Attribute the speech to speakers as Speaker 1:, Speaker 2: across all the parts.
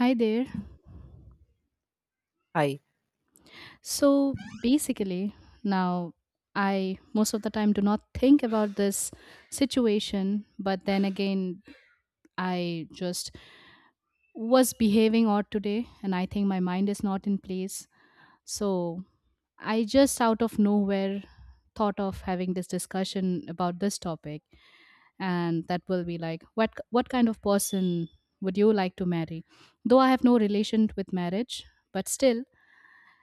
Speaker 1: Hi there.
Speaker 2: Hi.
Speaker 1: So basically, now I most of the time do not think about this situation, but then again, I just was behaving odd today and I think my mind is not in place. So I just out of nowhere thought of having this discussion about this topic, and that will be like what kind of person would you like to marry? Though I have no relation with marriage, but still.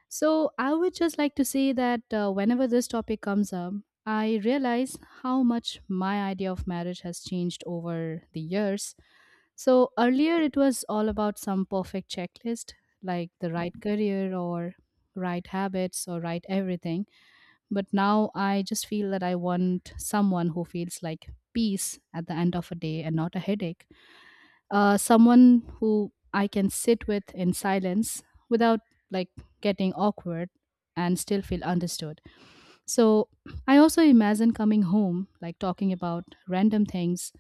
Speaker 1: So, I would just like to say that whenever this topic comes up, I realize how much my idea of marriage has changed over the years. So, earlier it was all about some perfect checklist, like the right career or right habits or right everything. But now I just feel that I want someone who feels like peace at the end of a day and not a headache. Someone who I can sit with in silence without like getting awkward and still feel understood. So I also imagine coming home, like talking about random things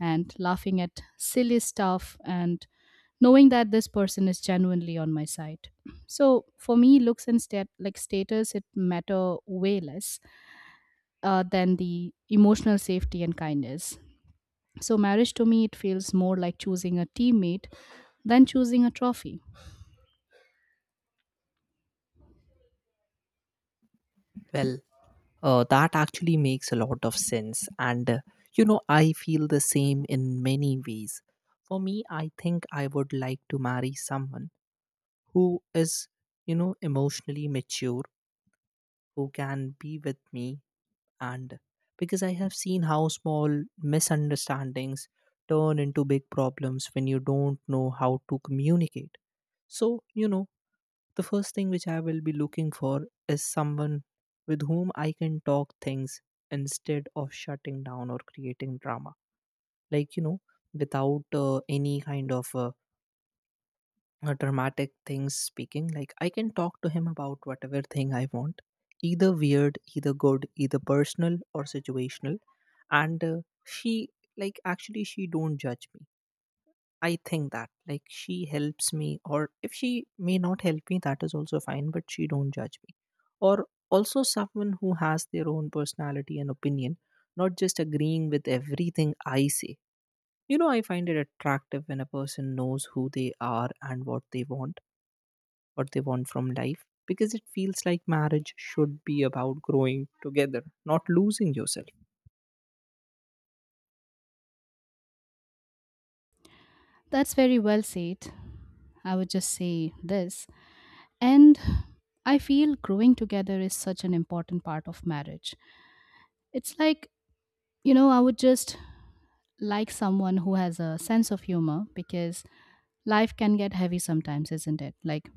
Speaker 1: and laughing at silly stuff and knowing that this person is genuinely on my side. So for me, looks and like status, it matter way less, than the emotional safety and kindness. So, marriage to me, it feels more like choosing a teammate than choosing a trophy.
Speaker 2: Well, that actually makes a lot of sense. And, I feel the same in many ways. For me, I think I would like to marry someone who is, emotionally mature, who can be with me. And because I have seen how small misunderstandings turn into big problems when you don't know how to communicate. So, the first thing which I will be looking for is someone with whom I can talk things instead of shutting down or creating drama. Like, without any kind of dramatic things speaking, like I can talk to him about whatever thing I want, either weird, either good, either personal or situational. And She, like, actually, she don't judge me. I think that like she helps me, or if she may not help me, that is also fine. But she don't judge me, or also someone who has their own personality and opinion, not just agreeing with everything I say. You know, I find it attractive when a person knows who they are and what they want from life, because it feels like marriage should be about growing together, not losing yourself.
Speaker 1: That's very well said. I would just say this. And I feel growing together is such an important part of marriage. It's like, you know, I would just like someone who has a sense of humor because life can get heavy sometimes, isn't it? Like,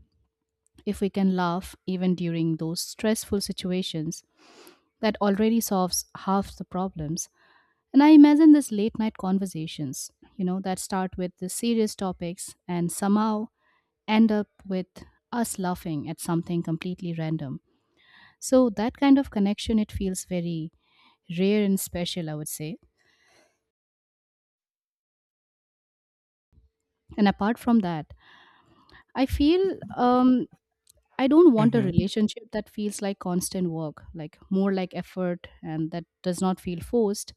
Speaker 1: if we can laugh even during those stressful situations, that already solves half the problems. And I imagine these late night conversations, you know, that start with the serious topics and somehow end up with us laughing at something completely random. So that kind of connection, it feels very rare and special, I would say. And apart from that, I feel I don't want a
Speaker 2: Mm-hmm.
Speaker 1: relationship that feels like constant work, like more like effort and that does not feel forced.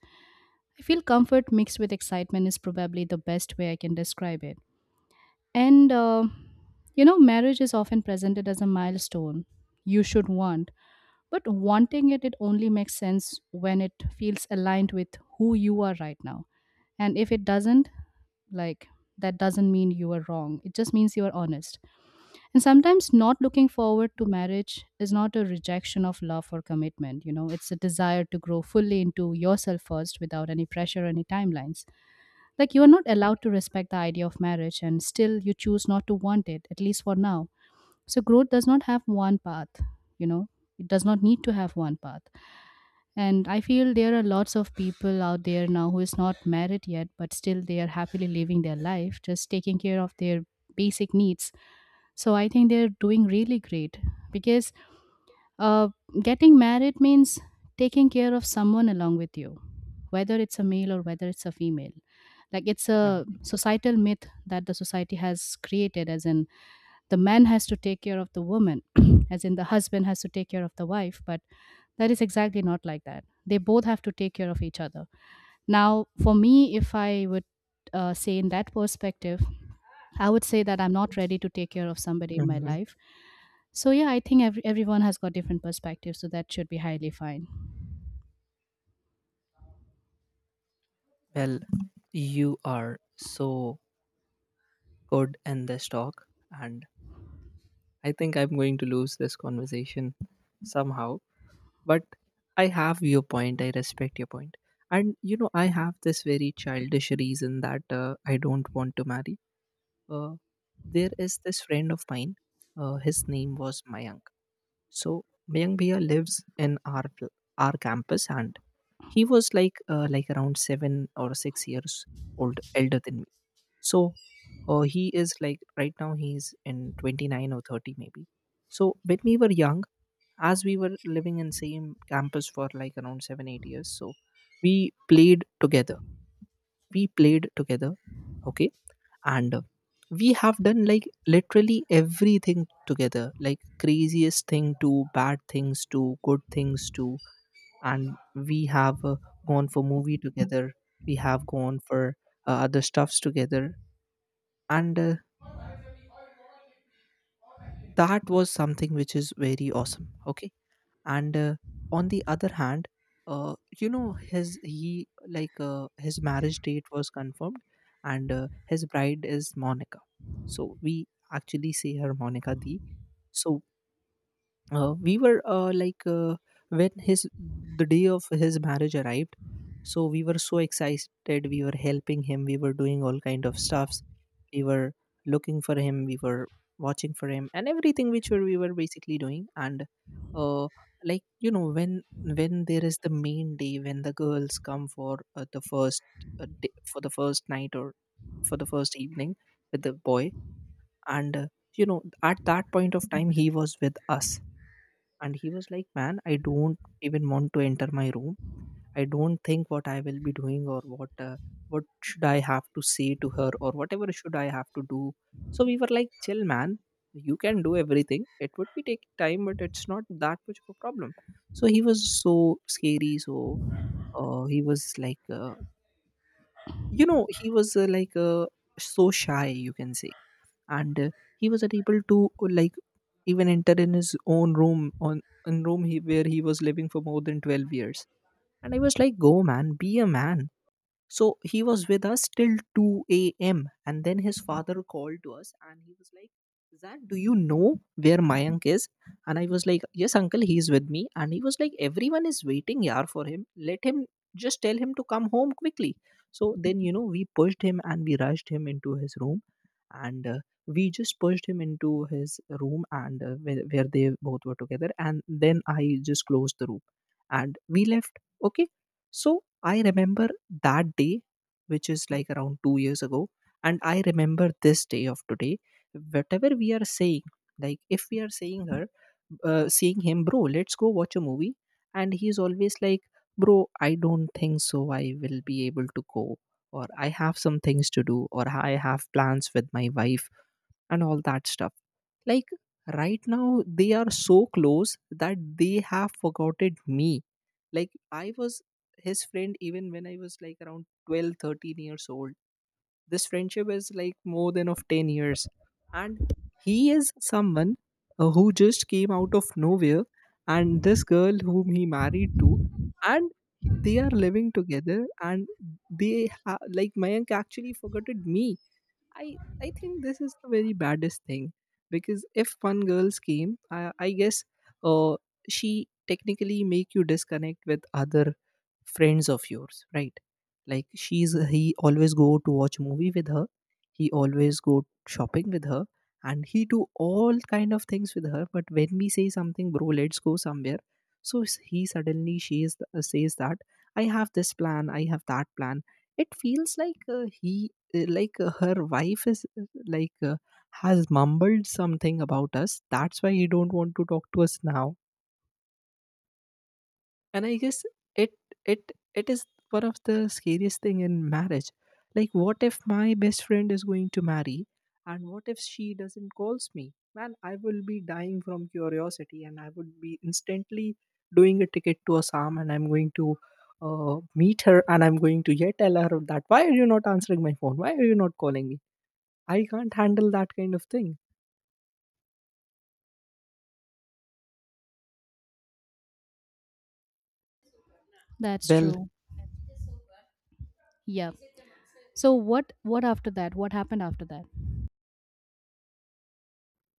Speaker 1: I feel comfort mixed with excitement is probably the best way I can describe it. And, you know, marriage is often presented as a milestone you should want, but wanting it, it only makes sense when it feels aligned with who you are right now. And if it doesn't, like, that doesn't mean you are wrong. It just means you are honest. And sometimes not looking forward to marriage is not a rejection of love or commitment. You know, it's a desire to grow fully into yourself first without any pressure, any timelines. Like, you are not allowed to respect the idea of marriage, and still you choose not to want it, at least for now. So, growth does not have one path, you know, it does not need to have one path. And I feel there are lots of people out there now who is not married yet, but still they are happily living their life, just taking care of their basic needs. So I think they're doing really great because uh, getting married means taking care of someone along with you, whether it's a male or whether it's a female, like it's a
Speaker 2: Mm-hmm.
Speaker 1: societal myth that the society has created, as in the man has to take care of the woman as in the husband has to take care of the wife. But that is exactly not like that. They both have to take care of each other. Now for me, if I would say in that perspective, I would say that I'm not ready to take care of somebody in my
Speaker 2: Mm-hmm.
Speaker 1: life. So yeah, I think everyone has got different perspectives, so that should be highly fine.
Speaker 2: Well, you are so could end this talk. And I think I'm going to lose this conversation somehow. But I have your point. I respect your point. And, you know, I have this very childish reason that I don't want to marry. Uh, there is this friend of mine. His name was Mayank. So, Mayank Bhaiya lives in our, our campus, and he was like around 7 or 6 years old elder than me. So he is like right now he's in 29 or 30 maybe. So when we were young, as we were living in same campus for like around 7 8 years, so we played together. We played together, okay, and we have done like literally everything together, like craziest thing to bad things to good things to, and we have gone for movie together. We have gone for other stuffs together, and that was something which is very awesome. Okay. and On the other hand, you know, his he like his marriage date was confirmed, and his bride is Monica. So we actually say her Monica D. So we were like when his the day of his marriage arrived, so we were so excited, we were helping him, we were doing all kind of stuffs, we were looking for him, we were watching for him and everything which were, we were basically doing. And uh, like, you know, when there is the main day when the girls come for the first day, for the first night or for the first evening with the boy, and you know, at that point of time he was with us. And he was like, "Man, I don't even want to enter my room. I don't think what I will be doing or what should I have to say to her or whatever should I have to do." So we were like, "Chill, man. You can do everything. It would be taking time, but it's not that much of a problem." So he was so scary. So he was like, you know, he was like so shy, you can say. And he was able to like even enter in his own room on in room he, where he was living for more than 12 years. And I was like, "Go, man, be a man." So he was with us till 2 a.m. And then his father called to us and he was like, "Zach, do you know where Mayank is?" And I was like, "Yes, uncle, he's with me." And he was like, "Everyone is waiting yar for him. Let him just tell him to come home quickly." So then, you know, we pushed him and we rushed him into his room. And we just pushed him into his room and where they both were together. And then I just closed the room and we left. Okay. So I remember that day, which is like around 2 years ago, and I remember this day of today. Whatever we are saying, like if we are saying her, seeing him, "Bro, let's go watch a movie," and he's always like, "Bro, I don't think so. I will be able to go, or I have some things to do, or I have plans with my wife," and all that stuff. Like right now, they are so close that they have forgotten me. Like I was his friend even when I was like around 12, 13 years old. This friendship is like more than of 10 years. And he is someone who just came out of nowhere, and this girl whom he married to, and they are living together, and like Mayank actually forgot me. I think this is the very baddest thing, because if one girl scheme, I guess uh, she technically make you disconnect with other friends of yours, right? Like she's he always go to watch movie with her, he always go shopping with her, and he do all kind of things with her. But when we say something, "Bro, let's go somewhere," so he suddenly she is, says that, "I have this plan, I have that plan." It feels like he like her wife is has mumbled something about us, that's why he don't want to talk to us now. And I guess it it is one of the scariest thing in marriage. Like what if my best friend is going to marry, and what if she doesn't calls me? Man, I will be dying from curiosity, and I would be instantly doing a ticket to Assam, and I'm going to meet her, and I'm going to yet tell her that why are you not answering my phone, why are you not calling me. I can't handle that kind of thing.
Speaker 1: That's
Speaker 2: Well,
Speaker 1: true. Yeah, so what after that? What happened after that?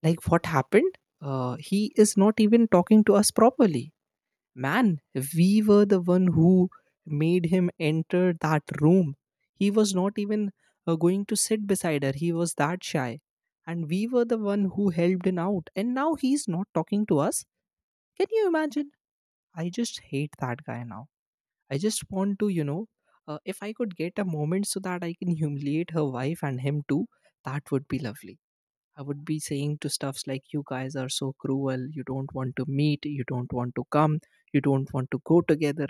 Speaker 2: like what happened? He is not even talking to us properly. Man, we were the one who made him enter that room. He was not even going to sit beside her. He was that shy. And we were the one who helped him out. And now he's not talking to us. Can you imagine? I just hate that guy now. I just want to, you know, if I could get a moment so that I can humiliate her wife and him too, that would be lovely. I would be saying to stuffs like, "You guys are so cruel, you don't want to meet, you don't want to come, you don't want to go together."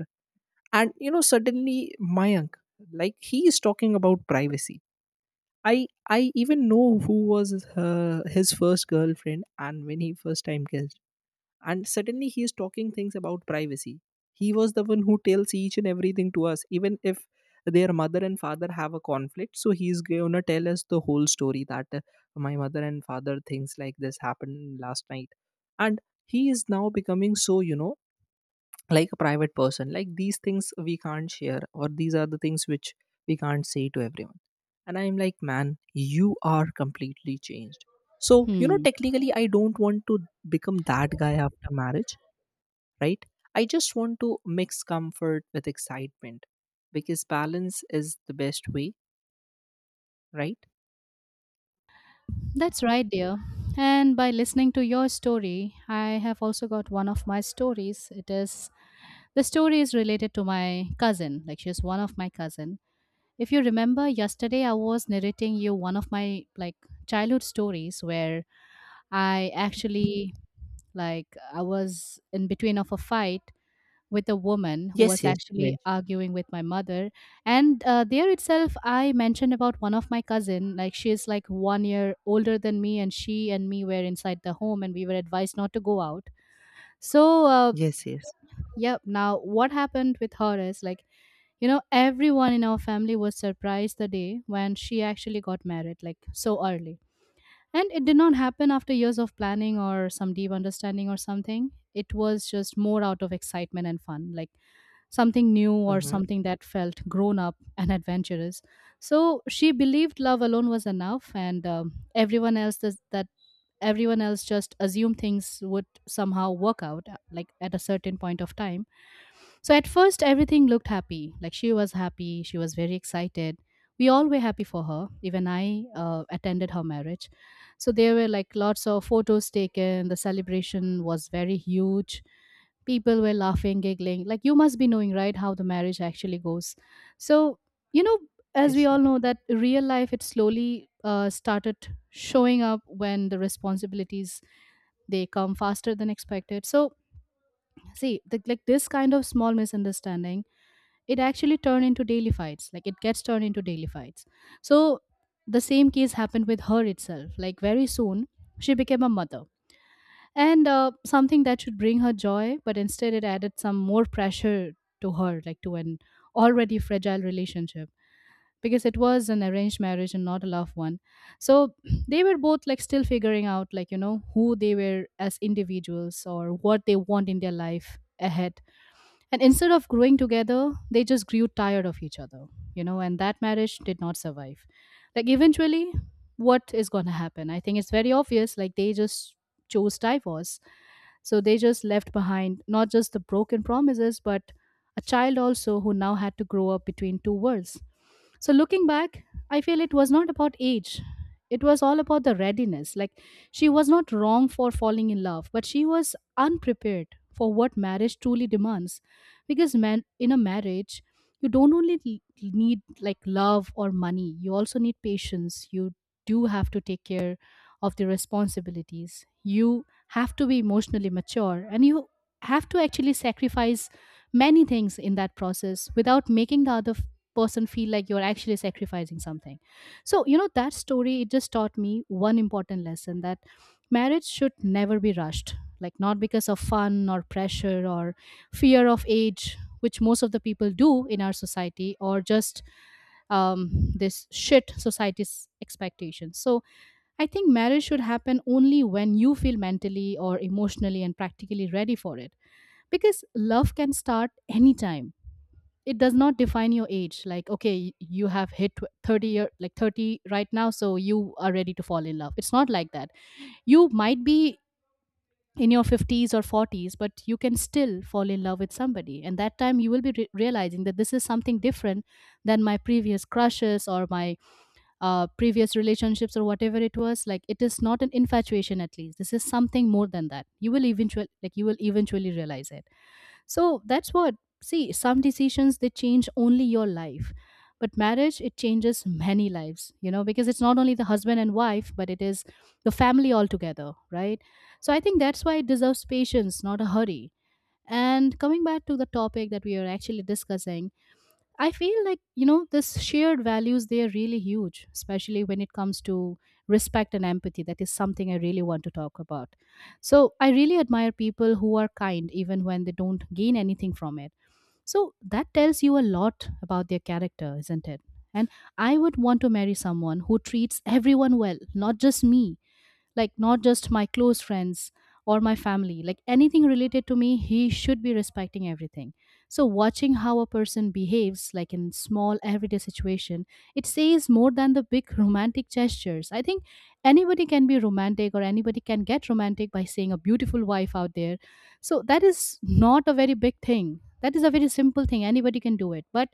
Speaker 2: And you know, suddenly Mayank, like he is talking about privacy. I even know who was his first girlfriend and when he first time kissed, and suddenly he is talking things about privacy. He was the one who tells each and everything to us, even if their mother and father have a conflict, so he's gonna tell us the whole story that my mother and father things like this happened last night. And he is now becoming so, you know, like a private person, like these things we can't share, or these are the things which we can't say to everyone. And I'm like, "Man, you are completely changed." So you know,
Speaker 1: Hmm.
Speaker 2: technically I don't want to become that guy after marriage, right? I just want to mix comfort with excitement because balance is the best way, right?
Speaker 1: That's right, dear. And by listening to your story, I have also got one of my stories. It is, the story is related to my cousin. Like she is one of my cousin. If you remember yesterday I was narrating you one of my like childhood stories where I actually, like, I was in between of a fight with a woman who
Speaker 2: Yes,
Speaker 1: was
Speaker 2: yes, you
Speaker 1: actually
Speaker 2: mentioned.
Speaker 1: arguing with my mother, and there itself I mentioned about one of my cousin. Like she is like 1 year older than me, and she and me were inside the home and we were advised not to go out. So
Speaker 2: Yes, yes.
Speaker 1: yeah, now what happened with her is like, you know, everyone in our family was surprised the day when she actually got married, like so early. And it did not happen after years of planning or some deep understanding or something. It was just more out of excitement and fun, like something new or
Speaker 2: Mm-hmm.
Speaker 1: something that felt grown up and adventurous. So she believed love alone was enough, and everyone else does, that everyone else just assumed things would somehow work out, like at a certain point of time. So at first, everything looked happy. Like she was happy, she was very excited. We all were happy for her. Even I attended her marriage, so there were like lots of photos taken. The celebration was very huge. People were laughing, giggling. Like you must be knowing, right, how the marriage actually goes. So, you know, as we
Speaker 2: Yes, yes.
Speaker 1: all know, that real life, it slowly started showing up when the responsibilities, they come faster than expected. So see the, like this kind of small misunderstanding, it actually turned into daily fights, like it gets turned into daily fights. So the same case happened with her itself. Like very soon she became a mother, and something that should bring her joy, but instead it added some more pressure to her, like to an already fragile relationship, because it was an arranged marriage and not a loved one. So they were both like still figuring out, like, you know, who they were as individuals or what they want in their life ahead. And instead of growing together, they just grew tired of each other, you know, and that marriage did not survive. Like, eventually, what is going to happen? I think it's very obvious. Like, they just chose divorce. So they just left behind not just the broken promises, but a child also who now had to grow up between two worlds. So looking back, I feel it was not about age. It was all about the readiness. Like she was not wrong for falling in love, but she was unprepared for what marriage truly demands. Because man, in a marriage you don't only need like love or money, you also need patience, you do have to take care of the responsibilities, you have to be emotionally mature, and you have to actually sacrifice many things in that process without making the other person feel like you're actually sacrificing something. So you know, that story, it just taught me one important lesson, that marriage should never be rushed, like not because of fun or pressure or fear of age, which most of the people do in our society, or just this shit society's expectations. So I think marriage should happen only when you feel mentally or emotionally and practically ready for it. Because love can start anytime. It does not define your age. Like, okay, you have hit 30-year, like 30 right now, so you are ready to fall in love. It's not like that. You might be in your 50s or 40s but you can still fall in love with somebody, and that time you will be realizing that this is something different than my previous crushes or my previous relationships or whatever it was. Like it is not an infatuation, at least this is something more than that, you will eventually, like, you will eventually realize it. So that's what. See, some decisions they change only your life, but marriage it changes many lives, you know, because it's not only the husband and wife, but it is the family altogether, right? So I think that's why it deserves patience, not a hurry. And coming back to the topic that we are actually discussing, I feel like, you know, this shared values, they are really huge, especially when it comes to respect and empathy. That is something I really want to talk about. So I really admire people who are kind even when they don't gain anything from it. So that tells you a lot about their character, isn't it? And I would want to marry someone who treats everyone well, not just me, like not just my close friends or my family. Like anything related to me, he should be respecting everything. So watching how a person behaves, like in small everyday situation, it says more than the big romantic gestures. I think anybody can be romantic, or anybody can get romantic by seeing a beautiful wife out there. So that is not a very big thing, that is a very simple thing, anybody can do it. But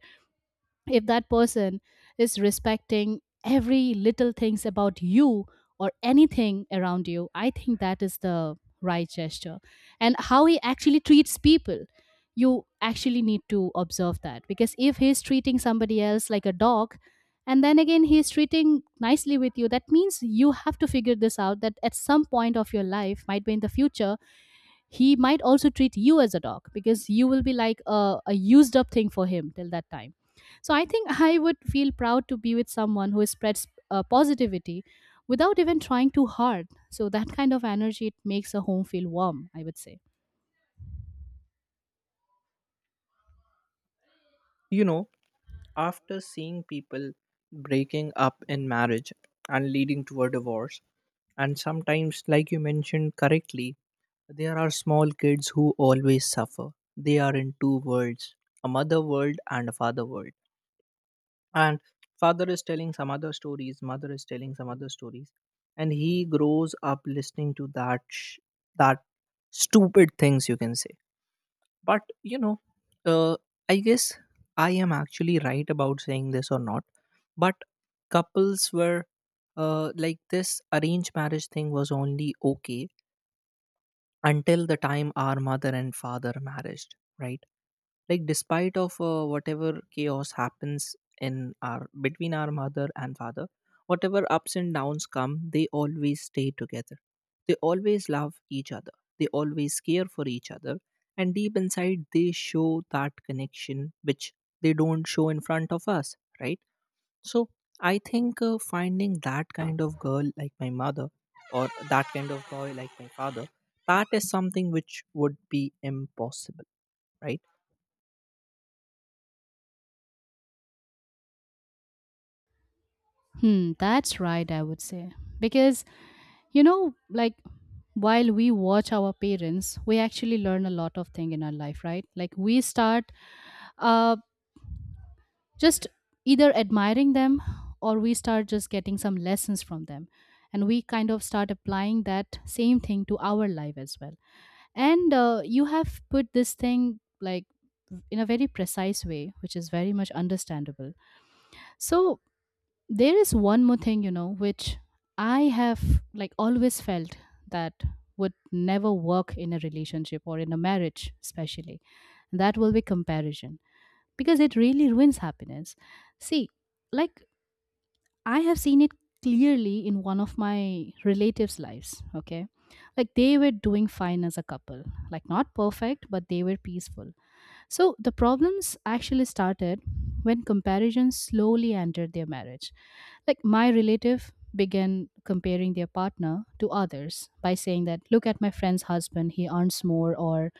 Speaker 1: if that person is respecting every little things about you or anything around you, I think that is the right gesture. And how he actually treats people, you actually need to observe that. Because if he's treating somebody else like a dog and then again he's treating nicely with you, that means you have to figure this out, that at some point of your life, might be in the future, he might also treat you as a dog, because you will be like a used up thing for him till that time. So I think I would feel proud to be with someone who spreads positivity without even trying too hard. So that kind of energy, it makes a home feel warm, I would say.
Speaker 2: You know, after seeing people breaking up in marriage and leading to a divorce, and sometimes, like you mentioned correctly, there are small kids who always suffer. They are in two worlds, a mother world and a father world. And father is telling some other stories, mother is telling some other stories, and he grows up listening to that that stupid things, you can say. But you know, uh, I guess I am actually right about saying this or not, but couples were like this arranged marriage thing was only okay until the time our mother and father married, right? Like despite of whatever chaos happens in our between our mother and father, whatever ups and downs come, they always stay together, they always love each other, they always care for each other, and deep inside they show that connection which they don't show in front of us, right? So I think finding that kind of girl like my mother, or that kind of boy like my father, that is something which would be impossible, right?
Speaker 1: Hmm, that's right, I would say. Because, you know, like while we watch our parents, we actually learn a lot of thing in our life, right? Like we start uh just either admiring them or we start just getting some lessons from them, and we kind of start applying that same thing to our life as well. And you have put this thing like in a very precise way, which is very much understandable. So there is one more thing, you know, which I have like always felt that would never work in a relationship or in a marriage especially. That will be comparison, because it really ruins happiness. See, like I have seen it clearly in one of my relatives' lives. Okay. Like they were doing fine as a couple, like not perfect, but they were peaceful. So the problems actually started when comparison slowly entered their marriage. Like my relative began comparing their partner to others by saying that, look at my friend's husband, he earns more. Or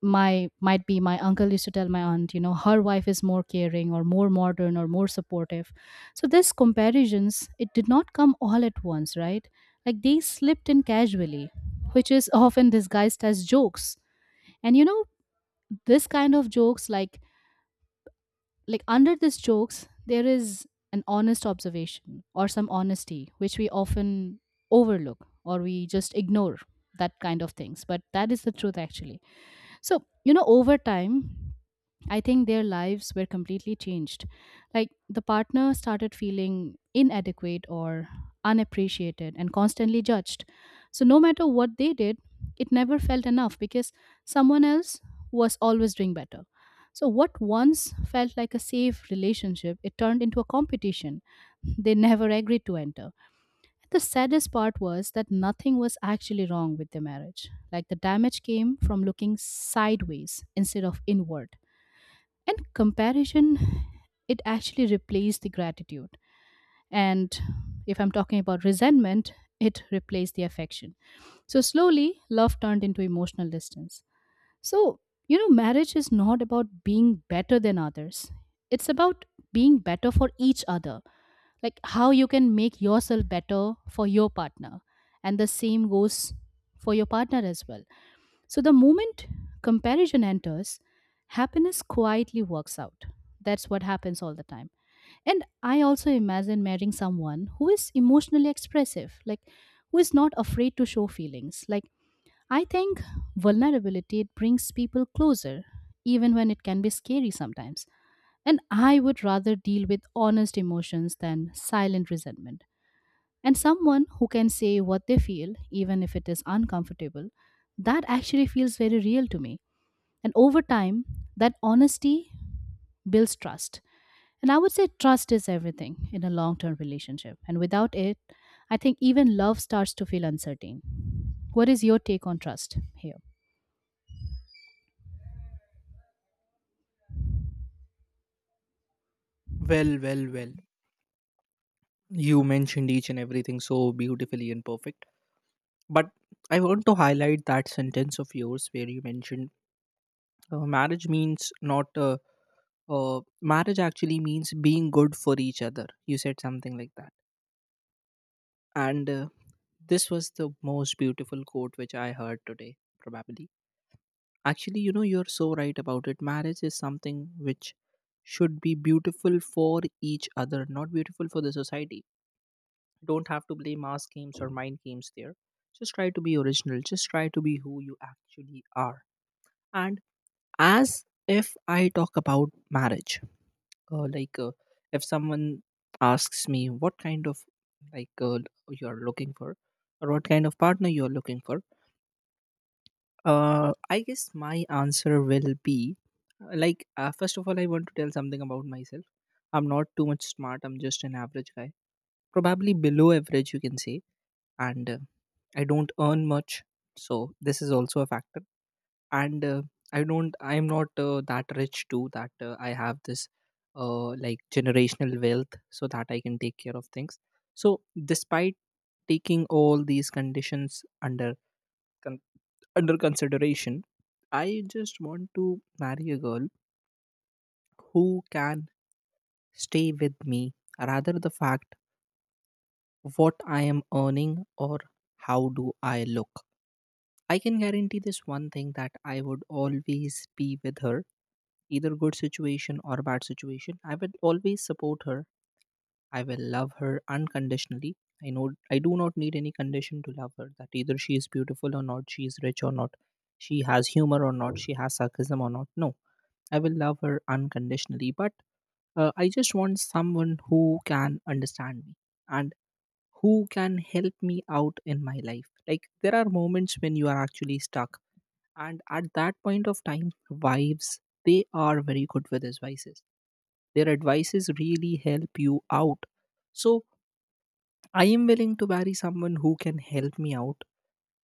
Speaker 1: my, might be my uncle used to tell my aunt, you know, her wife is more caring or more modern or more supportive. So this comparisons, it did not come all at once, right? Like they slipped in casually, which is often disguised as jokes. And, you know, this kind of jokes, like under these jokes there is an honest observation or some honesty which we often overlook or we just ignore, that kind of things. But that is the truth actually. So, you know, over time I think their lives were completely changed. Like the partner started feeling inadequate or unappreciated and constantly judged. So, no matter what they did, it never felt enough, because someone else was always doing better. So, what once felt like a safe relationship, it turned into a competition they never agreed to enter. The saddest part was that nothing was actually wrong with their marriage. Like the damage came from looking sideways instead of inward. And comparison, it actually replaced the gratitude. And if I'm talking about resentment, it replaced the affection. So slowly love turned into emotional distance. So, you know, marriage is not about being better than others, it's about being better for each other. Like how you can make yourself better for your partner, and the same goes for your partner as well. So the moment comparison enters, happiness quietly works out. That's what happens all the time. And I also imagine marrying someone who is emotionally expressive, like who is not afraid to show feelings. Like I think vulnerability, it brings people closer, even when it can be scary sometimes. And I would rather deal with honest emotions than silent resentment. And someone who can say what they feel, even if it is uncomfortable, that actually feels very real to me. And over time, that honesty builds trust. And I would say trust is everything in a long term relationship. And without it, I think even love starts to feel uncertain. What is your take on trust here?
Speaker 2: Well, well, well. You mentioned each and everything so beautifully and perfect. But I want to highlight that sentence of yours where you mentioned marriage means not, marriage actually means being good for each other. You said something like that. And this was the most beautiful quote which I heard today, probably. Actually, you know, you're so right about it. Marriage is something which should be beautiful for each other, not beautiful for the society. Don't have to play mass games or mind games there, just try to be original, just try to be who you actually are. And as if I talk about marriage, uh, like uh, if someone asks me what kind of, like uh, you are looking for, or what kind of partner you are looking for, I guess my answer will be, first of all I want to tell something about myself. I'm not too much smart, I'm just an average guy, probably below average you can say. And I don't earn much, so this is also a factor. And I am not that rich too, that I have this generational wealth so that I can take care of things. So despite taking all these conditions under con- under consideration, I just want to marry a girl who can stay with me, rather the fact what I am earning or how do I look. I can guarantee this one thing, that I would always be with her, either good situation or bad situation. I will always support her. I will love her unconditionally. I know I do not need any condition to love her, that either she is beautiful or not, she is rich or not, she has humor or not, she has sarcasm or not. No, I will love her unconditionally. But I just want someone who can understand me and who can help me out in my life. Like there are moments when you are actually stuck, and at that point of time, wives, they are very good with advices. Their advices really help you out. So I am willing to marry someone who can help me out,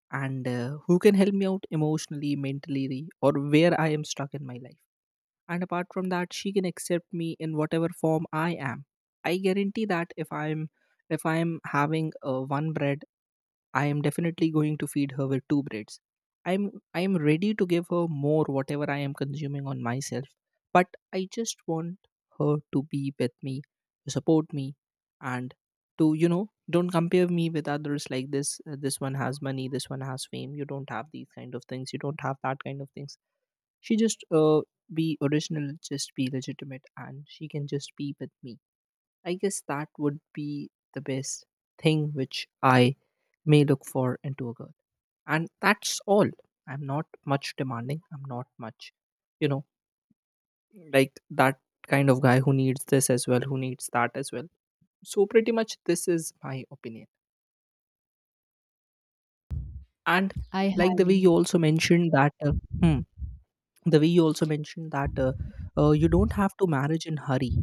Speaker 2: and who can help me out emotionally, mentally, or where I am stuck in my life. And apart from that, she can accept me in whatever form I am. I guarantee that if I'm having one bread, I am definitely going to feed her with two breads. I am ready to give her more whatever I am consuming on myself, but I just want her to be with me, to support me, and to, you know, don't compare me with others like this. This one has money, this one has fame. You don't have these kind of things. You don't have that kind of things. She just be original, just be legitimate, and she can just be with me. I guess that would be the best thing which I may look for into a girl. And that's all. I'm not much demanding. I'm not much, you know, like that kind of guy who needs this as well, who needs that as well. So, pretty much, this is my opinion. And
Speaker 1: I
Speaker 2: like the way you
Speaker 1: highly,
Speaker 2: also mentioned that, hmm, the way you also mentioned that you don't have to marriage in hurry,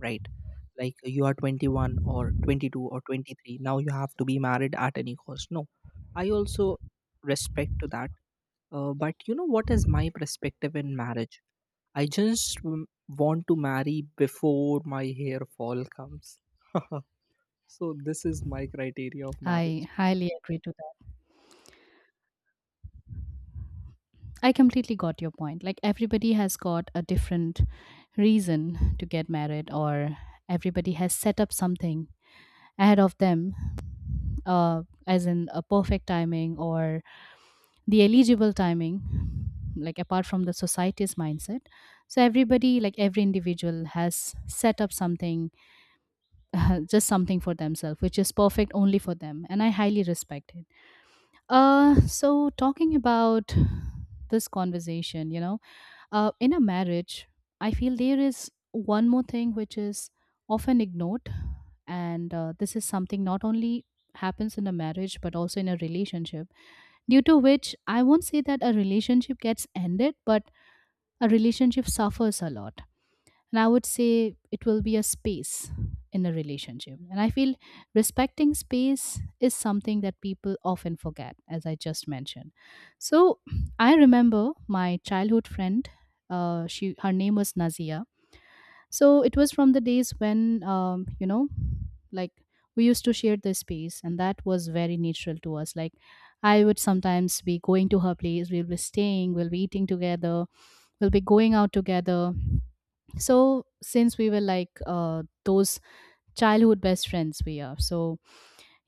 Speaker 2: right? Like you are 21 or 22 or 23. Now you have to be married at any cost. No, I also respect to that. But you know what is my perspective in marriage? I just want to marry before my hair fall comes. So this is my criteria of marriage.
Speaker 1: I highly agree to that. I completely got your point. Like everybody has got a different reason to get married, or everybody has set up something ahead of them, as in a perfect timing or the eligible timing, like apart from the society's mindset. So everybody, like every individual has set up something just something for themselves which is perfect only for them, and I highly respect it. So talking about this conversation, you know, in a marriage, I feel there is one more thing which is often ignored. And this is something not only happens in a marriage but also in a relationship, due to which I won't say that a relationship gets ended, but a relationship suffers a lot. And I would say it will be a space in a relationship. And I feel respecting space is something that people often forget, as I just mentioned. So I remember my childhood friend, she, her name was Nazia. So it was from the days when, you know, like we used to share the space, and that was very natural to us. Like I would sometimes be going to her place, we'll be staying, we'll be eating together, we'll be going out together. So since we were like those childhood best friends we are, so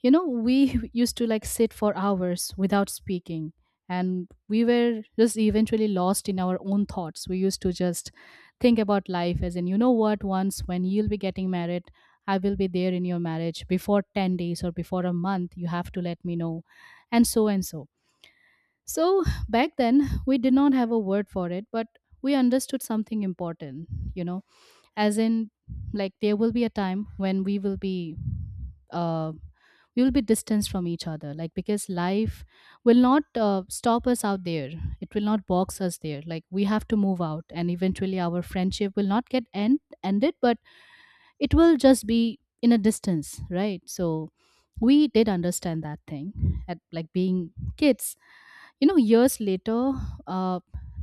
Speaker 1: you know we used to like sit for hours without speaking, and we were just eventually lost in our own thoughts. We used to just think about life, as in, you know what, once when you'll be getting married, I will be there in your marriage before 10 days or before a month, you have to let me know, and so and so. So back then we did not have a word for it, but we understood something important, you know, as in like there will be a time when uh, we will be distanced from each other, like because life will not stop us out there, it will not box us there. Like we have to move out, and eventually our friendship will not get ended, but it will just be in a distance, right? So we did understand that thing at, like, being kids, you know. Years later, uh,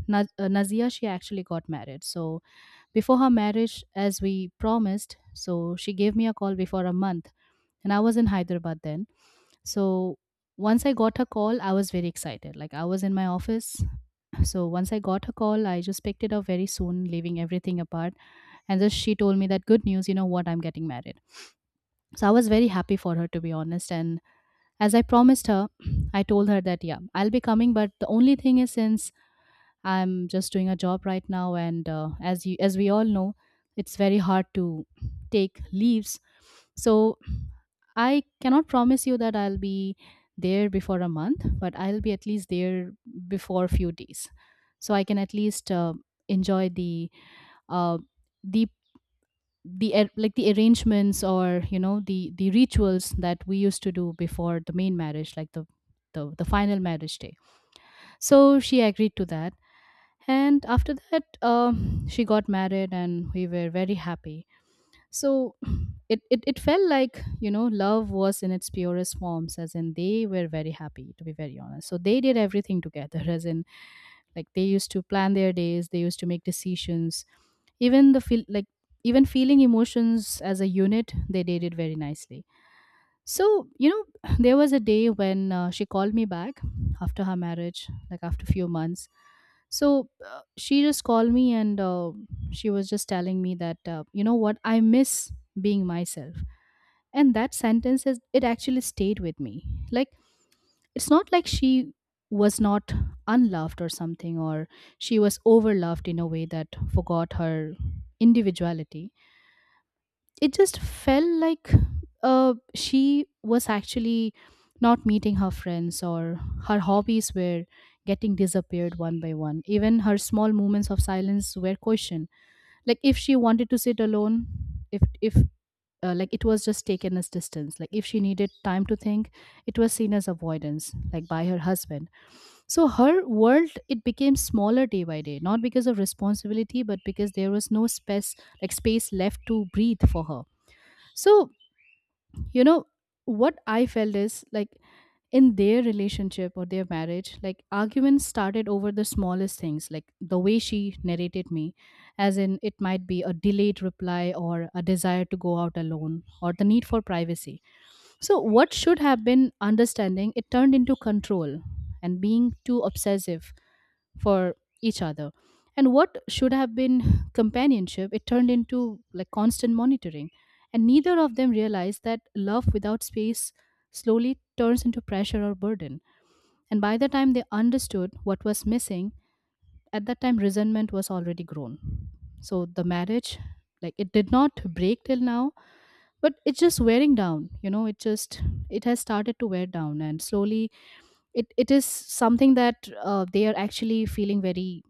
Speaker 1: nazia she actually got married. So before her marriage, as we promised, so she gave me a call before a month, and I was in Hyderabad then. So once I got her call, I was very excited. Like I was in my office. So once I got her call, I just picked it up very soon, leaving everything apart. And just she told me that good news, you know what, I'm getting married. So I was very happy for her, to be honest. And as I promised her, I told her that yeah, I'll be coming, but the only thing is, since I'm just doing a job right now, and as you as we all know, it's very hard to take leaves. So I cannot promise you that I'll be there before a month, but I'll be at least there before a few days, so I can at least enjoy the uh, the like the arrangements, or you know the rituals that we used to do before the main marriage, like the the final marriage day. So she agreed to that. And after that, she got married and we were very happy. So it felt like, you know, love was in its purest forms, as in they were very happy, to be very honest. So they did everything together, as in like they used to plan their days, they used to make decisions. Even the feel like Even feeling emotions as a unit, they did it very nicely. So, you know, there was a day when she called me back after her marriage, like after few months. So she just called me, and she was just telling me that, you know what, I miss being myself. And that sentence is, it actually stayed with me. Like, it's not like she was not unloved or something, or she was overloved in a way that forgot her individuality. It just felt like she was actually not meeting her friends, or her hobbies were getting disappeared one by one. Even her small moments of silence were questioned. Like if she wanted to sit alone, if like it was just taken as distance. Like if she needed time to think, it was seen as avoidance, like by her husband. So her world, it became smaller day by day, not because of responsibility, but because there was no space, like space left to breathe for her. So, you know, what I felt is like, in their relationship or their marriage, like arguments started over the smallest things, like the way she narrated me, as in it might be a delayed reply or a desire to go out alone or the need for privacy. So what should have been understanding, it turned into control and being too obsessive for each other. And what should have been companionship, it turned into like constant monitoring. And neither of them realized that love without space slowly turns into pressure or burden. And by the time they understood what was missing, at that time resentment was already grown. So the marriage, like it did not break till now, but it's just wearing down. You know, it just, it has started to wear down, and slowly it is something that they are actually feeling very,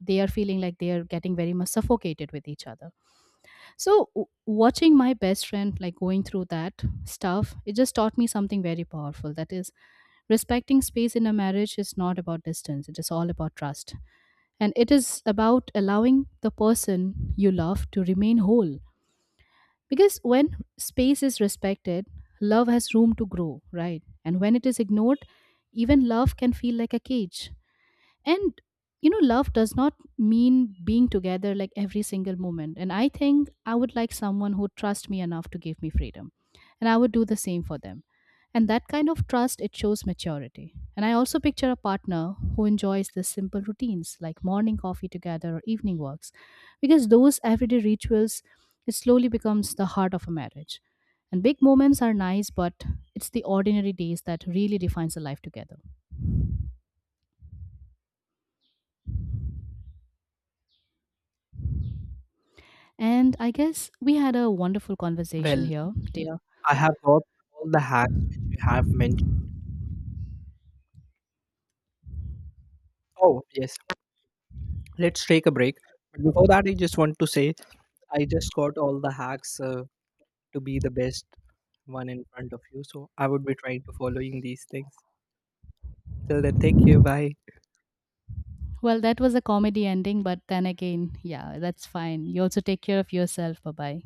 Speaker 1: they are feeling like they are getting very much suffocated with each other. So watching my best friend like going through that stuff, it just taught me something very powerful, that is, respecting space in a marriage is not about distance, it is all about trust. And it is about allowing the person you love to remain whole. Because when space is respected, love has room to grow, right? And when it is ignored, even love can feel like a cage. And, you know, love does not mean being together like every single moment. And I think I would like someone who trusts me enough to give me freedom, and I would do the same for them. And that kind of trust, it shows maturity. And I also picture a partner who enjoys the simple routines, like morning coffee together or evening walks, because those everyday rituals, it slowly becomes the heart of a marriage. And big moments are nice, but it's the ordinary days that really defines a life together. And I guess we had a wonderful conversation
Speaker 2: Well,
Speaker 1: here, dear.
Speaker 2: I have got all the hacks which you have mentioned. Oh, yes. Let's take a break. But before that, I just want to say I just got all the hacks to be the best one in front of you. So I would be trying to following these things. Till then, take care. Bye.
Speaker 1: Well, that was a comedy ending, but then again, yeah, that's fine. You also take care of yourself. Bye bye.